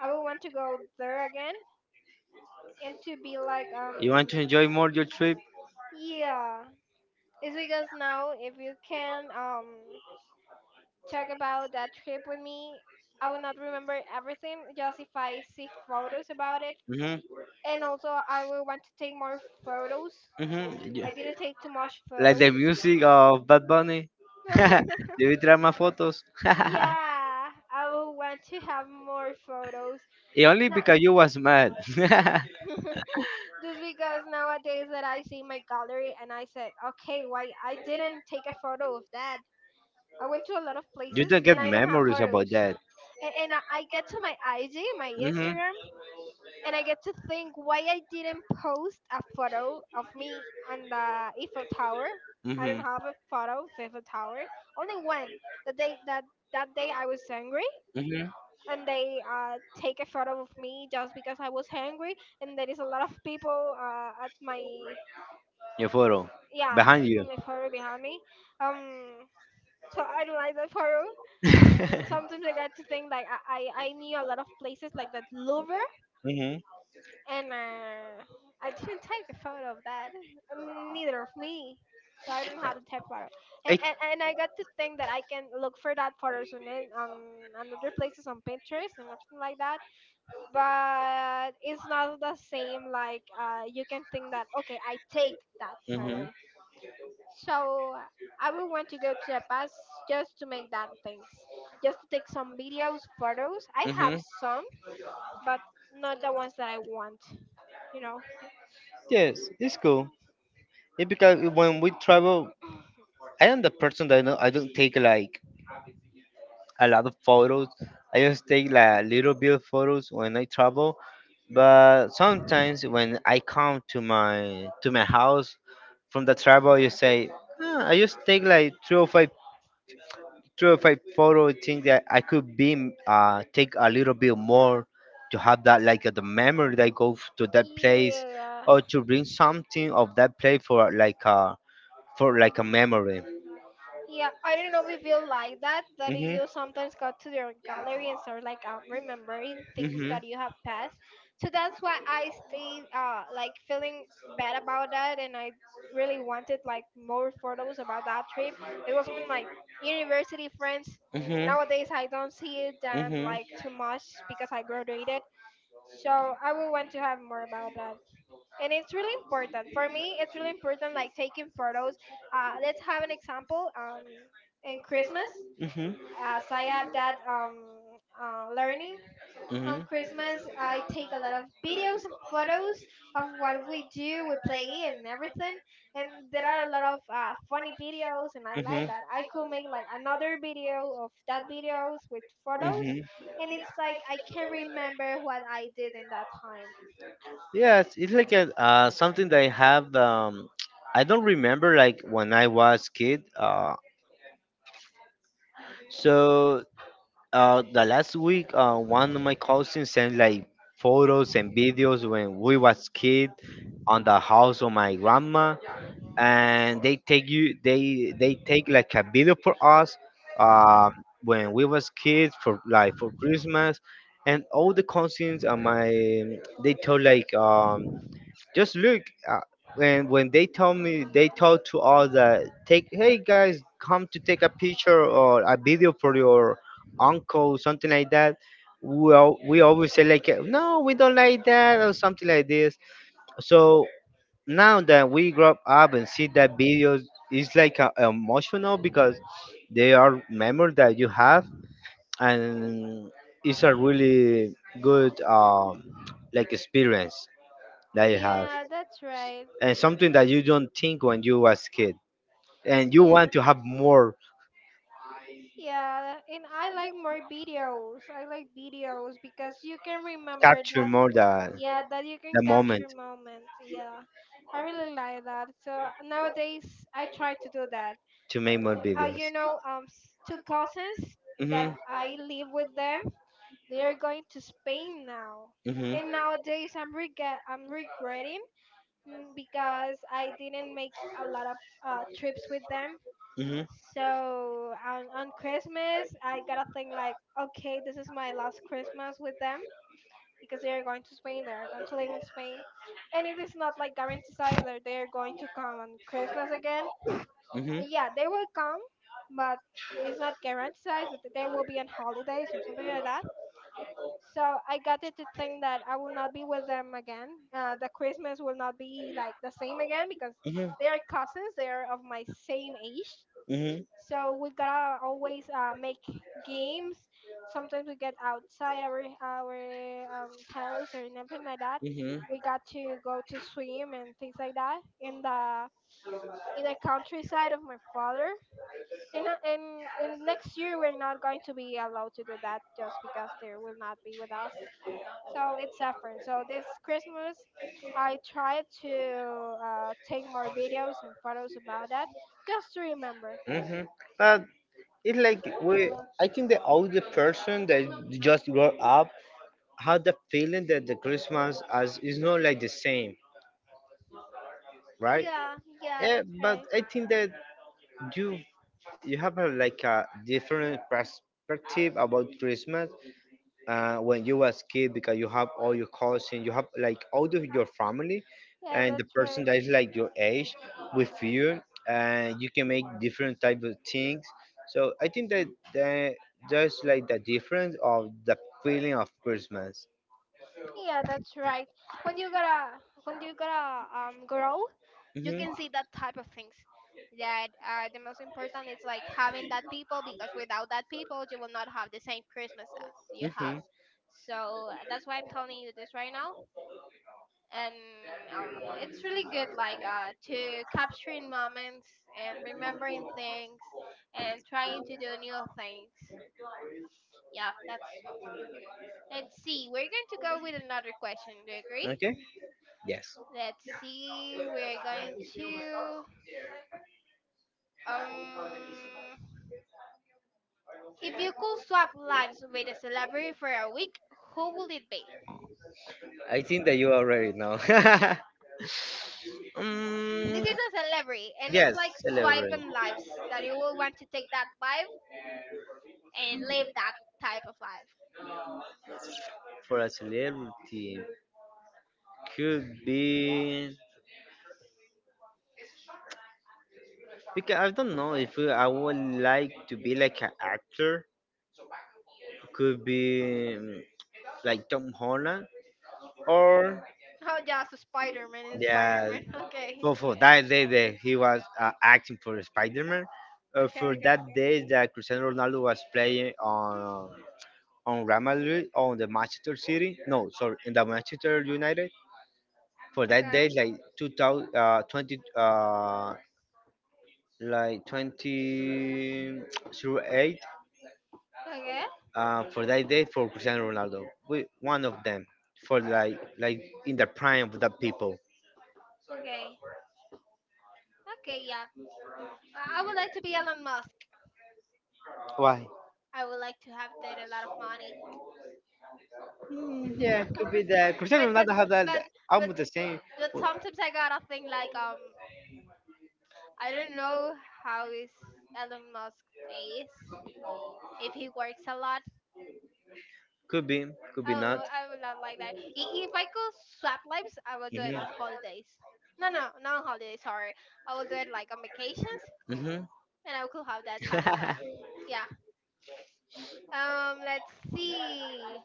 I will want to go there again and to be like
You want
um
to enjoy more your trip?
yeah. It's because now if you can um talk about that trip with me, I will not remember everything just if I see photos about it.
Hmm.
And also, I will want to take more photos.
Hmm.
I didn't take too much
Like
photos.
the music of Bad Bunny. Debí traer más fotos.
Yeah, I would want to have more photos.
It only
Not
because you was mad. You
just because nowadays that I see my gallery and I said, okay, why I didn't take a photo of that. I went to a lot of places
don't
and
get
I don't have
memories about
photos.
that.
And, and I I get to my I G, my
Hmm.
Instagram, and I get to think why I didn't post a photo of me on the Eiffel Tower. I
Hmm.
don't have a photo of Eiffel Tower. Only one. The day that That day I was angry
Hmm.
and they uh, take a photo of me just because I was hungry. And there is a lot of people uh, at my
Your photo
yeah
behind you.
on my photo behind me. Um, so I don't like that photo. Sometimes I got to think like I I, I knew a lot of places like that Louvre,
Hmm.
and uh, I didn't take a photo of that. And neither of me. So I don't have the type photo, and,
Hey.
and, and I got to think that I can look for that photos on it on, on other places on Pinterest and everything like that, but it's not the same like uh, you can think that, okay, I take that
Hmm. Hmm.
photo. So I would want to go to the past just to make that things, just to take some videos. Photos, I have some, but not the ones that i want you know
Yes, it's cool. It because when we travel, I am the person that no- I don't take like a lot of photos. I just take like little bit of photos when I travel. But sometimes when I come to my to my house from the travel, you say "Ah, I just take like three or five three or five photo. Think that I could be uh take a little bit more to have that like the memory that I go f- to that place
yeah.
or to bring something of that place for like a for like a memory.
Yeah, I don't know if you like that, that
Hmm.
you sometimes go to your gallery and start like um, remembering things
Mm-hmm.
that you have passed. So that's why I stay uh, like feeling bad about that, and I really wanted like more photos about that trip. It was with my university friends.
Mm-hmm. Mm-hmm.
Nowadays, I don't see
Mm-hmm.
them
Mm-hmm.
like too much because I graduated. So I will want to have more about that, and it's really important for me. It's really important like taking photos. Uh, let's have an example. Um, In Christmas,
Mm-hmm.
as I have that um, uh, learning.
Mm-hmm.
On Christmas I take a lot of videos and photos of what we do, we play and everything. And there are a lot of uh, funny videos, and I like that. I could make like another video of that videos with photos, and it's like I can remember what I did in that time.
Yes, it's like a, uh, something that I have. Um, I don't remember like when I was kid. Uh, so uh, the last week, uh, one of my cousins sent like photos and videos when we was kid on the house of my grandma, and they take you they they take like a video for us, um, when we was kids for like for Christmas, and all the cousins uh, my they told like um just look uh, when when they told me they told to all that take hey guys come to take a picture or a video for your uncle something like that. We, al- we always say like no we don't like that or something like this. So now that we grow up and see that videos it's like uh, emotional because they are memories that you have, and it's a really good um, like experience that you have,
Yeah, that's right.
and something that you don't think when you was kid and you want
Yeah.
to have more.
Yeah, and I like more videos. I like videos because you can remember
Capture
that.
more the
Yeah, that you can
the moment
capture moments. Yeah, I really like that. So nowadays, I try to do that.
to make more
Uh,
videos.
you
Hmm.
know, um, s- two cousins that I live with them, they are going to Spain now.
Hmm.
And nowadays, I'm regret, I'm regretting, mm, because I didn't make a lot of uh, trips with them.
Hmm.
So on, on Christmas, I gotta think like, okay, this is my last Christmas with them, because they are going to Spain. They are going to live in Spain, and it is not like guaranteed that they are going to come on Christmas again.
Hmm.
Yeah, they will come, but it is not guaranteed that they will be on holidays or something like that. So I got it to think that I will not be with them again. Uh, the Christmas will not be like the same again, because
Hmm.
they are cousins. They are of my same age,
Hmm.
so we gotta always uh, make games. Sometimes we get outside our our um, house or anything like that.
Hmm.
We got to go to swim and things like that in the in the countryside of my father. And uh, and, and next year we're not going to be allowed to do that, just because they will not be with us. So it's different. So this Christmas, I tried to uh, take more videos and photos about that, just to remember.
Mm-hmm. But it's like we. I think the older person that just grow up had the feeling that the Christmas as is not like the same, right?
Yeah, yeah,
Yeah,
that's
but
right.
I think that you you have a, like a different perspective about Christmas uh, when you was kid because you have all your cousins, you have like all of your family,
Yeah,
and
that's
the
right.
person that is like your age with you, and you can make different type of things. So I think that the, just like the difference of the feeling of Christmas.
Yeah, that's right. When you gotta, when you gotta um grow, you
Hmm.
can see that type of things. That uh, the most important is like having that people, because without that people, you will not have the same Christmas as you have.
Hmm.
So uh, that's why I'm telling you this right now, and um, it's really good like uh to capturing moments and remembering things and trying to do new things. Yeah, that's— Let's see. We're going to go with another question. Do you agree?
Okay. Yes.
Let's see. We're going to um. If you could swap lives with a celebrity for a week, who would it be?
I think that you already know.
This
Mm,
is a celebrity, and it's
yes,
like
celebrate
swiping lives that you will want to take that life and live that type of life.
for a celebrity could be because I don't know if I would like to be like an actor. Could be mm, like Tom Holland or
Oh, just Spider Man and Spider
yeah,
Man. Okay.
for, for that day that he was uh, acting for Spider Man. Uh,
Okay,
for
okay,
that
okay.
day that Cristiano Ronaldo was playing on
Mm,
on Real Madrid on the Manchester City. No, sorry, in the Manchester United for that day,
Okay,
like two thousand, uh, twenty, uh, like twenty through eight
okay,
uh, for that day for Cristiano Ronaldo. We, one of them for like like in the prime of the people.
okay, okay, yeah. I I would like to be Elon Musk.
Why?
I would like to have that a lot of money.
Mm, yeah, could be that
but
Cristiano
but
Ronaldo have that
but but
almost the same.
but sometimes I gotta think like, um I don't know how is Elon Musk is, if he works a lot.
Could be, could
I
be
don't
not.
know. I would not like that. I- If I could swap lives, I would do it
Hmm.
on holidays. No, no, not on holidays. Sorry, I would do it like on vacations, and I could have that type of life.
Hmm.
Yeah. Um. Let's see.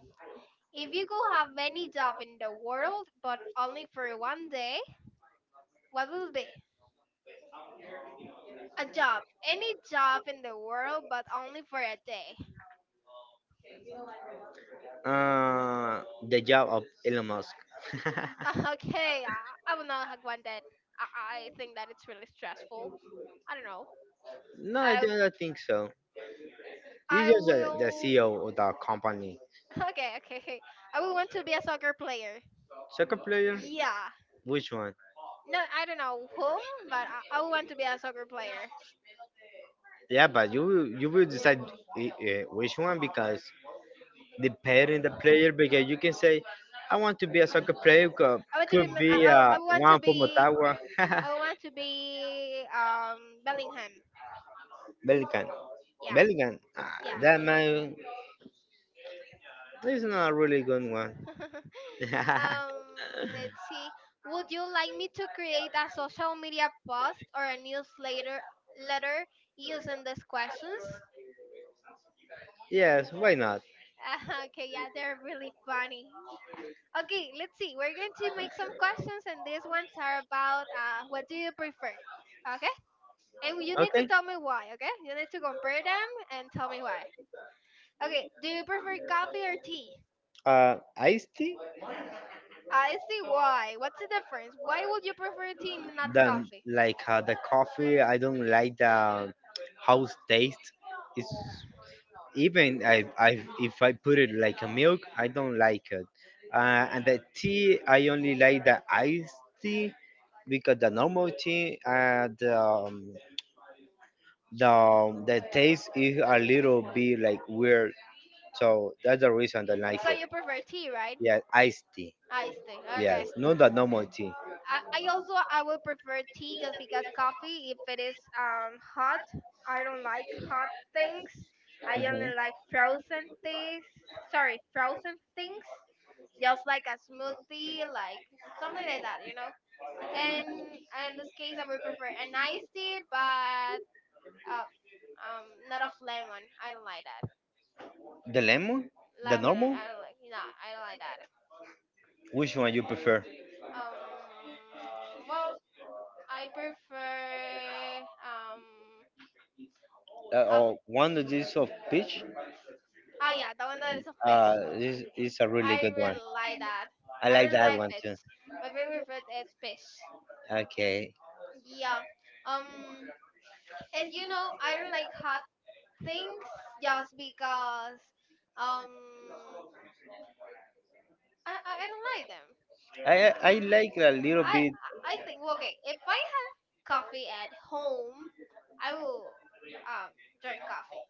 If you could have any job in the world, but only for one day, what will be? A job. Any job in the world, but only for a day.
Uh, the job of Elon Musk.
Okay, I, I will not have one that— I, I think that it's really stressful. I don't know.
No, I
I
don't think so. He's
I
just the, the
will.
C E O of the company.
Okay, okay. I will want to be a soccer player.
Soccer player?
Yeah.
Which one?
No, I don't know whom, but I, I will want to be a soccer player.
Yeah, but you will you will decide I- eh, which one because depending the player because you can say, I want to be a soccer player. Could,
I want to be.
could
Ma-
be
I, I
uh,
I would want to
one from
be.
Ottawa.
I would want to be. Um, Bellingham.
Bellingham.
Yeah.
Bellingham. Ah,
Yeah.
that man is not a really good one.
Um, let's see. Would you like me to create a social media post or a newsletter letter using these questions?
Yes, why not?
Okay, yeah, they're really funny. Okay, let's see. We're going to make some questions, and these ones are about uh, what do you prefer? Okay, and you need to
Okay.
tell me why. Okay, you need to compare them and tell me why. Okay, do you prefer coffee or tea?
Uh, iced tea?
I see why. What's the difference? Why would you prefer tea and not
Then
coffee?
like uh, the coffee, I don't like the house taste. It's even I, I if I put it like a milk, I don't like it. Uh, and the tea, I only like the iced tea because the normal tea, uh, the um, the the taste is a little bit like weird. So that's the reason I don't like
So you
it.
prefer tea, right?
Yes, iced tea.
Iced tea. Okay.
Yes, not the normal tea.
I, I also I would prefer tea, just because coffee, if it is um hot, I don't like hot things. I
Mhm.
only like frozen things. Sorry, frozen things. Just like a smoothie, like something like that, you know. And in this case, I would prefer an iced tea, but uh, um not of lemon. I don't like that.
The lemon, the
Lemon, I
normal.
I don't like. No, I don't like that.
Which one you prefer?
Um, well, I prefer um
Uh,
a,
or that is of peach?
oh yeah, the one that is a
Uh,
fish.
this is a really
I
good one.
really like that.
I
I
like
really
that
like
one too.
fish. My favorite food is fish.
Okay,
Yeah. Um, and you know, I don't like hot things, just because um I I I don't like them.
I I I like a little
I
bit.
I I think, well, okay, if I have coffee at home, I will um drink coffee.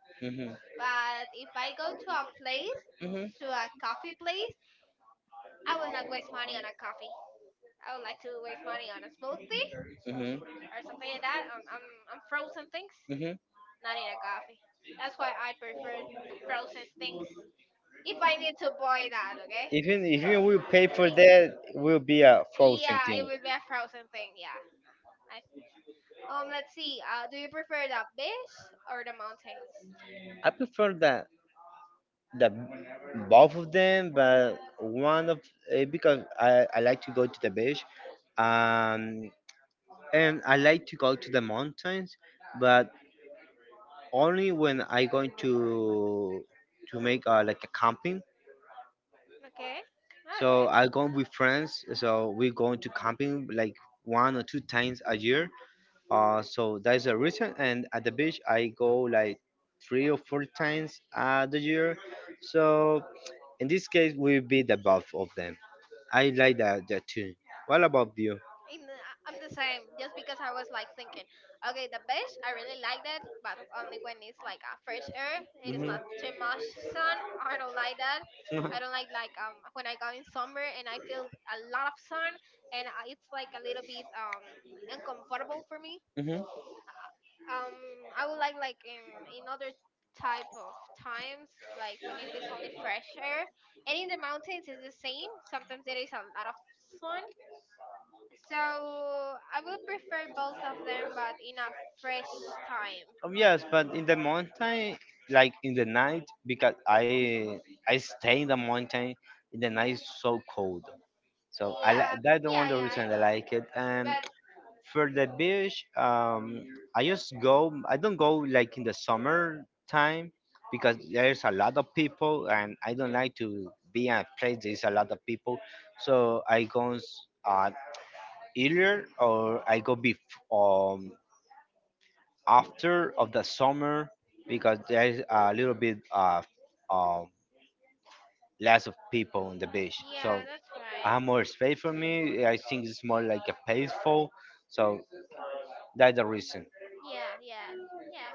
But if I go to a place,
Hmm.
to a coffee place, I will not waste money on a coffee. I would like to waste money on a smoothie
Mm-hmm.
or something like that. Um,
Or
um, um frozen things,
mm-hmm.
not in a coffee. That's why I prefer frozen things. If I need to buy that, okay?
Even if you will pay for
It,
that, will be a frozen
yeah, it
thing.
would be a frozen thing. Yeah. I, um, let's see. Uh, do you prefer the beach or the mountains?
Be great. I prefer that the both of them, but one of eh, because I, I like to go to the beach, um, and I like to go to the mountains, but only when I going to to make uh, like a camping.
Okay. Okay.
So I go with friends. So we're going to camping like one or two times a year. Uh, so that's the reason. And at the beach, I go like three or four times a the year. So in this case, we be the both of them. I like that that too. What about you?
in the, I- I'm the same. Just because I was like thinking, okay, the beach, I really like that, but only when it's like a fresh air. It is
Mhm.
not too much sun. I don't like that.
Mhm.
I don't like like um when I go in summer and I feel a lot of sun, and I, it's like a little bit um uncomfortable for me.
Mhm.
Uh, Um, I would like like in in other type of times, like when it is only fresh air. And in the mountains it's the same, sometimes there is a lot of sun. So I will prefer both of them, but in a fresh time.
Oh, yes, but in the mountain, like in the night, because I I stay in the mountain, in the night it's so cold. So I
Yeah,
li- that's the
yeah,
one the
yeah, I
reason I
know.
like it. And
But—
for the beach, um, I just go. I don't go like in the summer time because there's a lot of people, and I don't like to be at a place there's a lot of people. So I go s- uh, earlier or I go bef- um after of the summer because there's a little bit uh, um less of people on the beach. So
yeah, that's right.
have more space for me. I think it's more like a peaceful. So that's the reason.
Yeah, yeah, yeah.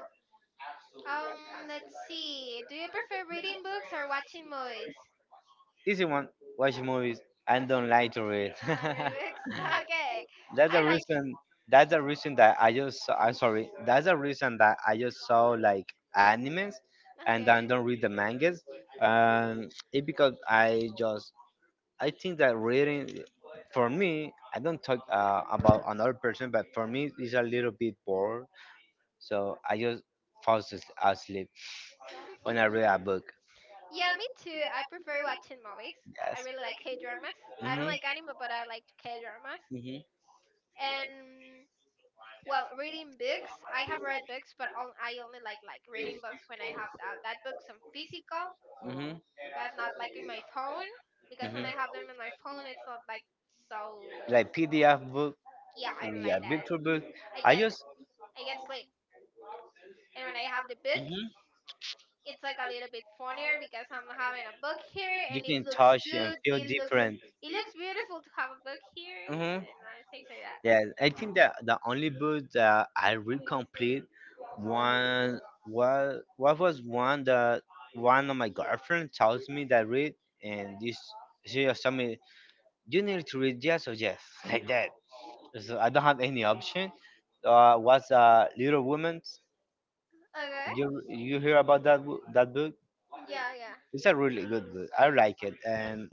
Um, let's see. Do you prefer reading books or watching movies?
Easy one. Watch movies. I
Watching
don't like
movies.
to read.
You don't like reading books? Okay.
That's
I
the
like.
reason. That's the reason that I just. I'm sorry. That's the reason that I just saw like animes, and
Okay.
then don't read the mangas. Um, it because I just. I think that reading, for me, I don't talk uh, about another person, but for me, it's a little bit bored. So I just falls as- asleep on a real book.
Yeah, me too. I prefer watching movies.
Yes.
I I really like K dramas. I don't
Hmm.
like anime, but I like K dramas.
Hmm.
And well, reading books. I have read books, but on, I only like like reading books when I have that, that books on physical,
Hmm.
but not like in my phone, because when
Hmm.
I have them in my phone, it's not like so.
Like P D F book.
Yeah, I don't
Yeah,
like that.
picture book.
I
I
get
just
I get sleep, and when I have the book,
mhm.
it's like a little bit funnier, because I'm having a book here
You
and it
can
looks
touch and
good.
feel
It looks
different.
it looks beautiful to have a book here
Hmm.
and uh, things like that.
Yeah, I think that the only book that I read complete one was what was one that one of my girlfriend tells me that read and this she just told me you need to read yes or yes like that. So I don't have any option. Uh, was uh, Little Women? You
Okay.
you hear about that wo- that book?
Yeah, yeah.
It's a really good book. I like it, and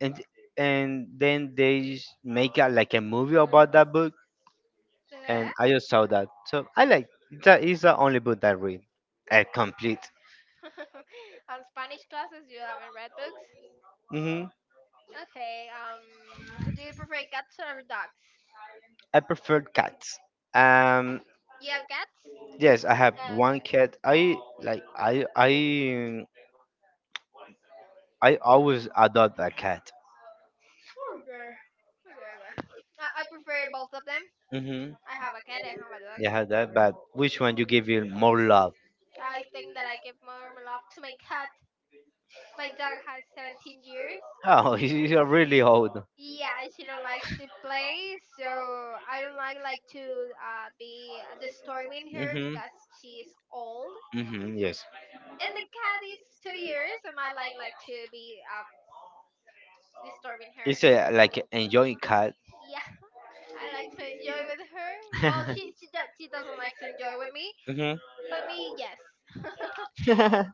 and and then they s- make a, like a movie about that book,
Okay.
and I just saw that. So I like, that is the only book I read. I complete.
On Spanish classes, you haven't read books.
Hmm.
Okay. Um, do you prefer cats or dogs?
I prefer cats. Um
You have cats.
yes, I have
Yeah, okay.
one cat. I like I I I always adopt a cat.
Okay. Okay. Okay. I, I prefer both of them.
Hmm.
I have a cat and I have a dog.
Yeah, I had that. But which one you give you more love?
I think that I give more love to my cat. My dog has seventeen years.
Oh, you're really old.
Yeah, she don't likes to play, so I don't like like to uh, be disturbing her,
Hmm.
because she's old,
Hmm, yes.
and the cat is two years, and I like like to be um, disturbing her.
It's uh, like enjoying cat.
Yeah, I like to enjoy with her. Well, she she, do- she doesn't like to enjoy with me,
Hmm.
but me yes.
it's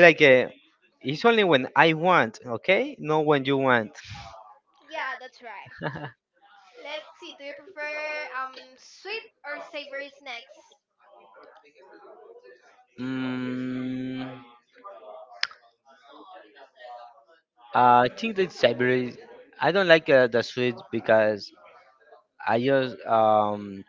like a. It's only when I want, okay? Not when you want.
Yeah, that's right. Let's see. Do you prefer um sweet or savory snacks?
mm, I think that Siberia. I don't like uh, the sweet because I just um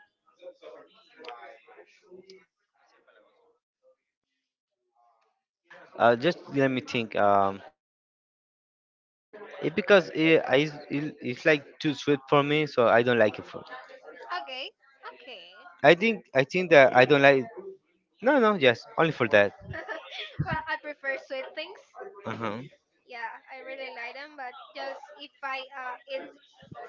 uh, just let me think um it because it, I, it, it's like too sweet for me, so I don't like it. For,
Okay, okay.
I think I think that I don't like. No, no, yes, only for that.
Well, I prefer sweet things.
Uh-huh.
Yeah, I really like them, but just if I uh, eat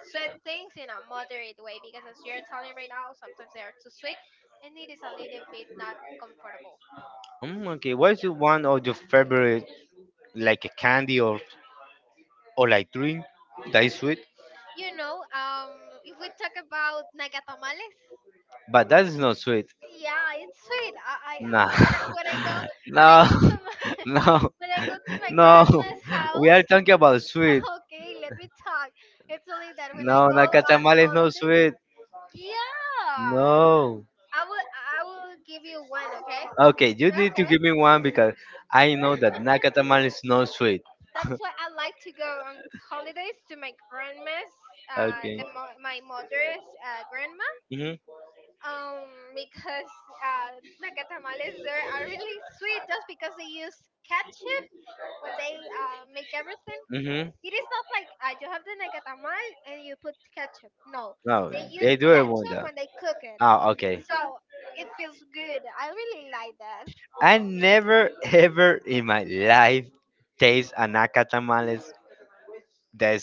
sweet things in a moderate way, because as you're telling right now, sometimes they are too sweet, and it is a little bit not comfortable.
Mm, okay, what is
Yeah,
your one of your favorite, like a candy or or like drink that is sweet?
you know, um, if we talk about nacatamales,
But that is not sweet.
yeah, it's sweet. I, I
Nah.
when I when I go when
no,
I go to my
no,
when I go to my
no.
grandma's
We
house.
are talking about sweet.
Okay, let me talk. It's only that when I
No,
go on
Nakatamale is not
holidays.
sweet.
Yeah,
No.
I will I will give you one, okay?
Okay, you need to
Okay,
give me one because I know that Nakatamal is not sweet.
that's why I like to go on holidays to my grandma's, uh,
Okay.
the mo- my mother's uh, grandma.
Mhm.
Um, because uh, The catamales there are really sweet, just because they use ketchup when they uh, make everything.
Mhm.
It is not like uh, you have the nacatamal and you put ketchup. No,
No,
they use
they do it one
ketchup
though.
when they cook it,
Oh, okay.
so it feels good. I really like that.
I never ever in my life taste a nakatamales that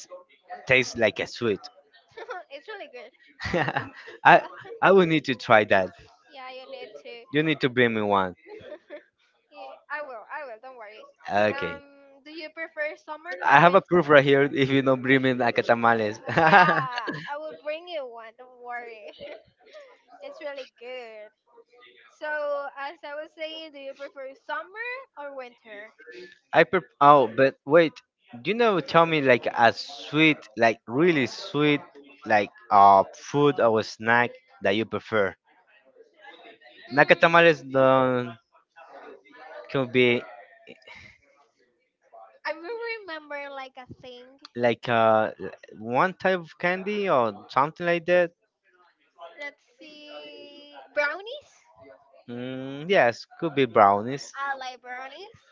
tastes like a sweet.
It's really good.
I I will need to try that.
Yeah, you need
You need to bring me one.
to. Yeah, I will. I will. Don't worry.
Okay.
Um, do you prefer summer
I
or
have a
winter?
proof right here if you don't bring me nakatamales.
Yeah, I will bring you one. Don't worry. It's really good. So, as I was saying, do you prefer summer or winter?
I pre- oh, but wait, you know, tell me like a sweet, like really sweet, like uh food or snack that you prefer. Nakatamales
Mm,
um, can be
I will remember like a thing.
like uh l- one type of candy or something like that.
Let's see. Brownies?
Mm, yes, could be brownies.
I like brownies.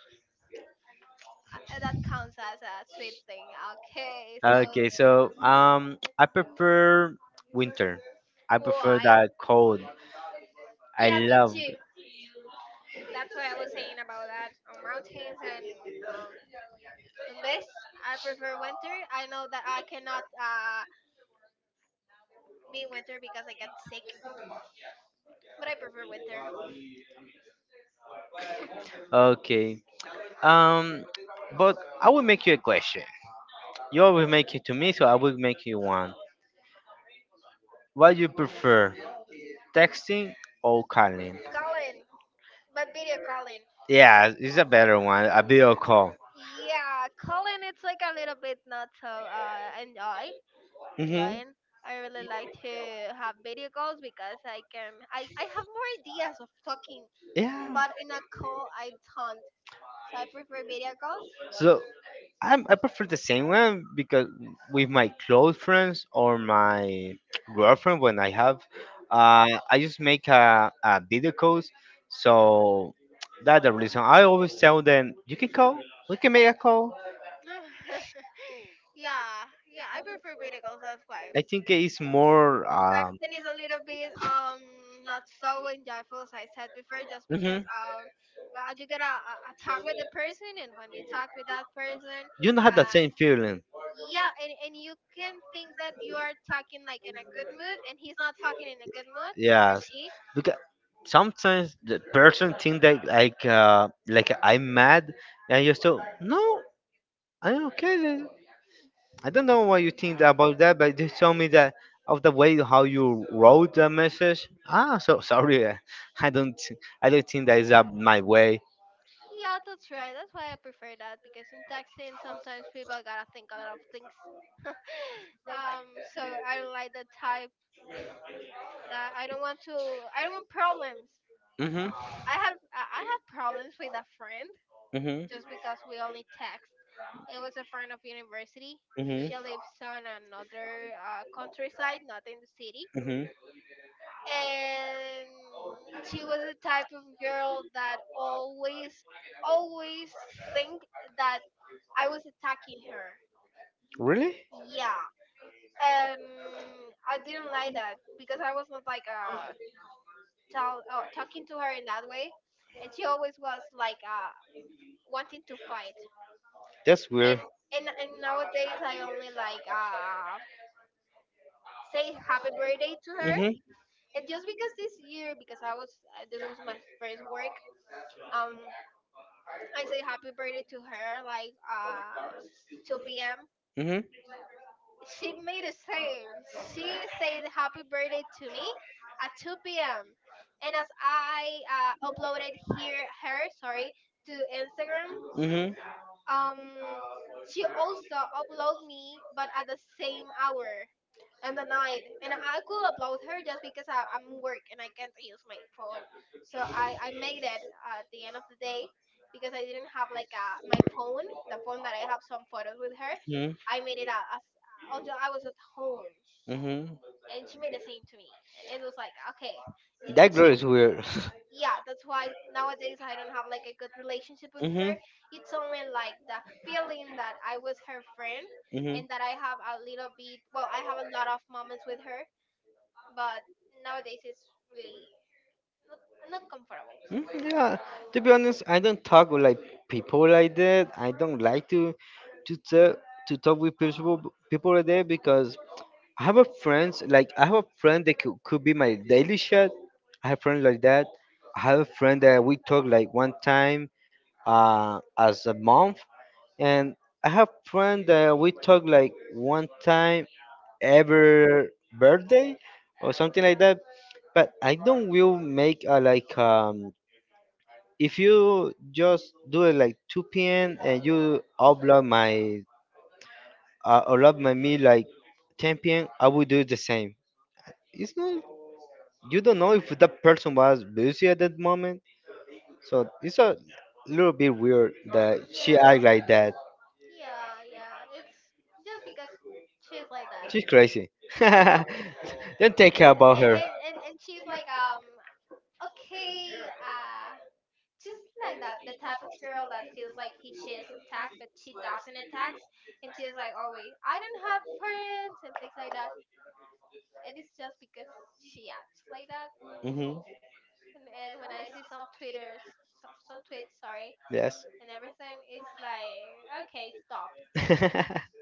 Uh, that counts as a sweet thing. Okay, so
Okay, so um, I prefer winter. I prefer
why?
that cold. I
Yeah, me
love.
too. That's why I was saying about that on mountains and um, Um, Best, I prefer winter. I know that I cannot uh, be in winter because I get sick, but I prefer winter.
Okay. Um, but I will make you a question. You always make it to me, so I will make you one. What you prefer, texting or calling?
Colin, but video Colin.
Yeah, it's a better one. A video call.
Yeah, Colin, it's like a little bit not so uh, enjoy
Mhm.
enjoying. I really like to have video calls because I can I, I have more ideas of talking,
Yeah.
but in a call I don't. So I prefer video calls.
So I'm, I prefer the same one because with my close friends or my girlfriend, when I have, uh, I just make a, a video calls. So that's the reason. I always tell them, you can call, we can make a call.
Yeah, yeah, I prefer video calls. That's why.
I think it's more.
And
Um,
texting is a little bit um not so enjoyable as I said before, just
mhm.
because um uh, you gotta uh, uh, talk with the person, and when you talk with that person,
You don't have that
uh
same feeling.
yeah, and, and you can think that you are talking like in a good mood, and he's not talking in a good mood or
Yes,
she.
because sometimes the person think that like uh, like I'm mad, and you still no, I'm okay. then." I don't know what you think about that, but they told me that of the way how you wrote the message. Ah, so sorry, uh, I don't, I don't think that is uh, my way.
Yeah, that's right. That's why I prefer that because in texting sometimes people gotta think a lot of things. um, so I don't like the type that I don't want to. I don't want problems.
Mhm,
I have I I have problems with a friend
mhm,
just because we only text. It was a friend of university.
mhm,
She lives on another uh, countryside, not in the city,
mhm.
and she was the type of girl that always always think that I was attacking her.
Really?
Yeah, and I didn't like that because I was not like uh, tell, uh talking to her in that way, and she always was like uh wanting to fight
That's
and
weird.
and and nowadays I only like uh say happy birthday to her.
Mhm.
And just because this year, because I was uh, this was my first work, um, I say happy birthday to her like uh two p m.
Mhm.
She made the same. She said happy birthday to me at two p m. And as I uh, uploaded here her sorry to Instagram,
Mhm.
Um, she also upload me, but at the same hour and the night. And I could upload her just because I, I'm work and I can't use my phone. So I, I made it at the end of the day because I didn't have like a, my phone, the phone that I have some photos with her.
Mhm.
I made it a- as, until I was at home.
Mhm.
And she made the same to me. It was like, okay, y-
That
it,
girl
she,
is weird.
yeah, that's why nowadays I don't have like a good relationship with her.
mhm.
It's only like the feeling that I was her friend
Mhm.
and that I have a little bit, well, I have a lot of moments with her, but nowadays it's really not, not comfortable.
Mm, yeah, to be honest, I don't talk with like people like that. I don't like to to talk to talk with people people like that because I have a friends like I have a friend that could, could be my daily shot. I have friends like that. I have a friend that we talk like one time uh, as a month, and I have friend that we talk like one time every birthday or something like that. But I don't will make a like um if you just do it like two p m and you upload my uh, upload my me like ten p m. I will do the same. It's not, you don't know if that person was busy at that moment. So it's a little bit weird that she
yeah
act like that.
yeah yeah it's just because she's like that.
She's crazy.
Yeah.
don't take care about
and
her.
and and, and she's like um okay uh just like that, the type of girl that feels like he she is attacked, but she doesn't attack, and she's like, "Oh wait, I don't have friends" and things like that. And it's just because she acts like that.
Hmm.
And, and when I see some twitters, some, some tweets, sorry,
Yes.
and everything, it's like, okay, stop.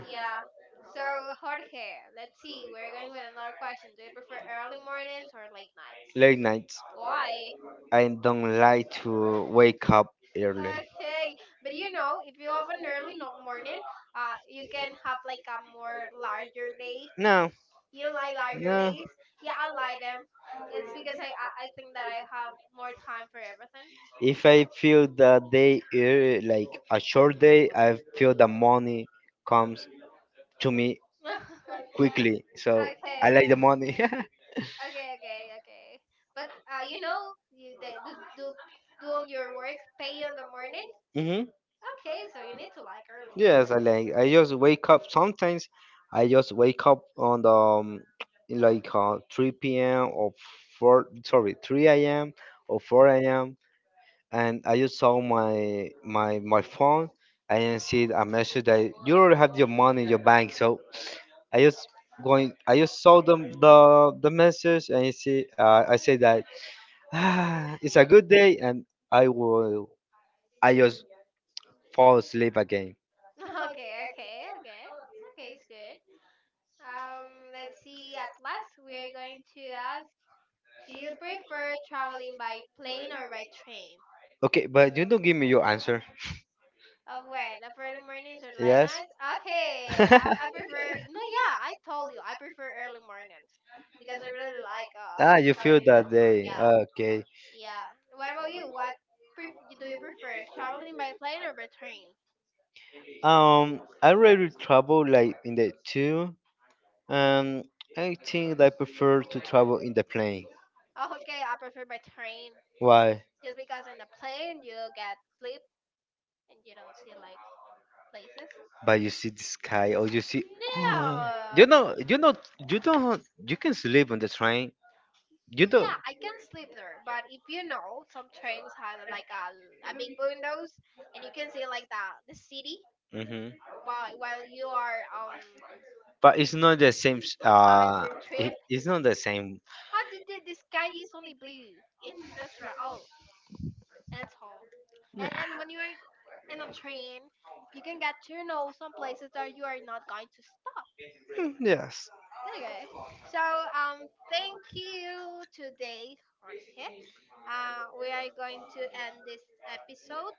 Yeah. So Jorge, let's see. We're going with another question. Do you prefer early mornings or late nights?
Late nights.
Why?
I don't like to wake up early.
Okay, but you know, if you have an early no- morning, uh, you can have like a more larger day.
No.
You don't like larger
No.
days? Yeah, I like them. It's because I I, I think that I have more time for everything.
If I feel that day eh, like a short day, I feel the money comes to me quickly. So
okay,
I like
okay,
the money.
okay, okay, okay. But uh, you know, you they, do do do on your work, pay on the morning.
hmm.
Okay, so you need to like early morning.
Yes, I like. I just wake up. Sometimes I just wake up on the um, like uh, three p m or four. Sorry, three a m or four a m. And I just saw my my my phone. I didn't see a message that you already have your money in your bank. So I just going. I just saw them the the message, and I see. Uh, I say that ah, it's a good day, and I will. I just fall asleep again.
Okay, okay, okay, okay. It's good. Um, let's see. At last, we are going to ask, do you prefer traveling by plane or by train?
Okay, but you don't give me your answer.
Of what? Of early mornings or late
Yes.
nights? Okay, I, I prefer. No, yeah, I told you I prefer early mornings because I really like uh
ah, you
having
feel
a good
that day.
time. Yeah,
Okay.
yeah. What about you? What pref- do you prefer? Traveling by plane or by train?
Um, I rather travel like in the two. Um, I think I prefer to travel in the plane.
Oh, okay, I prefer by train
Why?
just because in the plane you get sleep and you don't see like places.
But you see the sky or you see. Oh,
No.
you know you know you don't you can sleep on the train, you don't.
Yeah, I can sleep there, but if you know, some trains have like a, a big windows, and you can see like the the city
Hmm,
while while you are um
but it's not the same s-
having
uh
your
it,
trip.
it's not the same.
Oh, the, the, the sky is only blue. In that's right. Oh, that's all. And and when you are in a train, you can get to know some places that you are not going to stop.
Mm, yes.
Okay. So um, thank you today, Jorge. Uh, we are going to end this episode.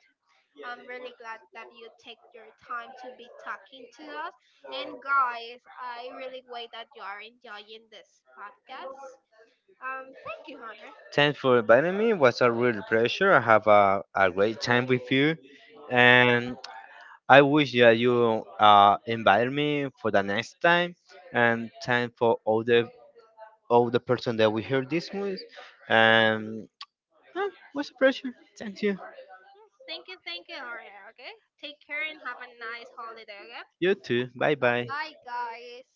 I'm really glad that you take your time to be talking to us. And guys, I really wait that you are enjoying this podcast. Um, thank you, Jorge.
Thanks for inviting me. It was a real pleasure. I have a, a great time with you, and I wish that you uh invite me for the next time, and time for all the all the person that we heard this with, and ah, what's the pressure? Thank you.
Mm, Thank you, thank you, Jorge. Okay, take care and have a nice holiday. Okay,
You too. Bye
bye
bye.
bye, guys.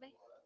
Bye.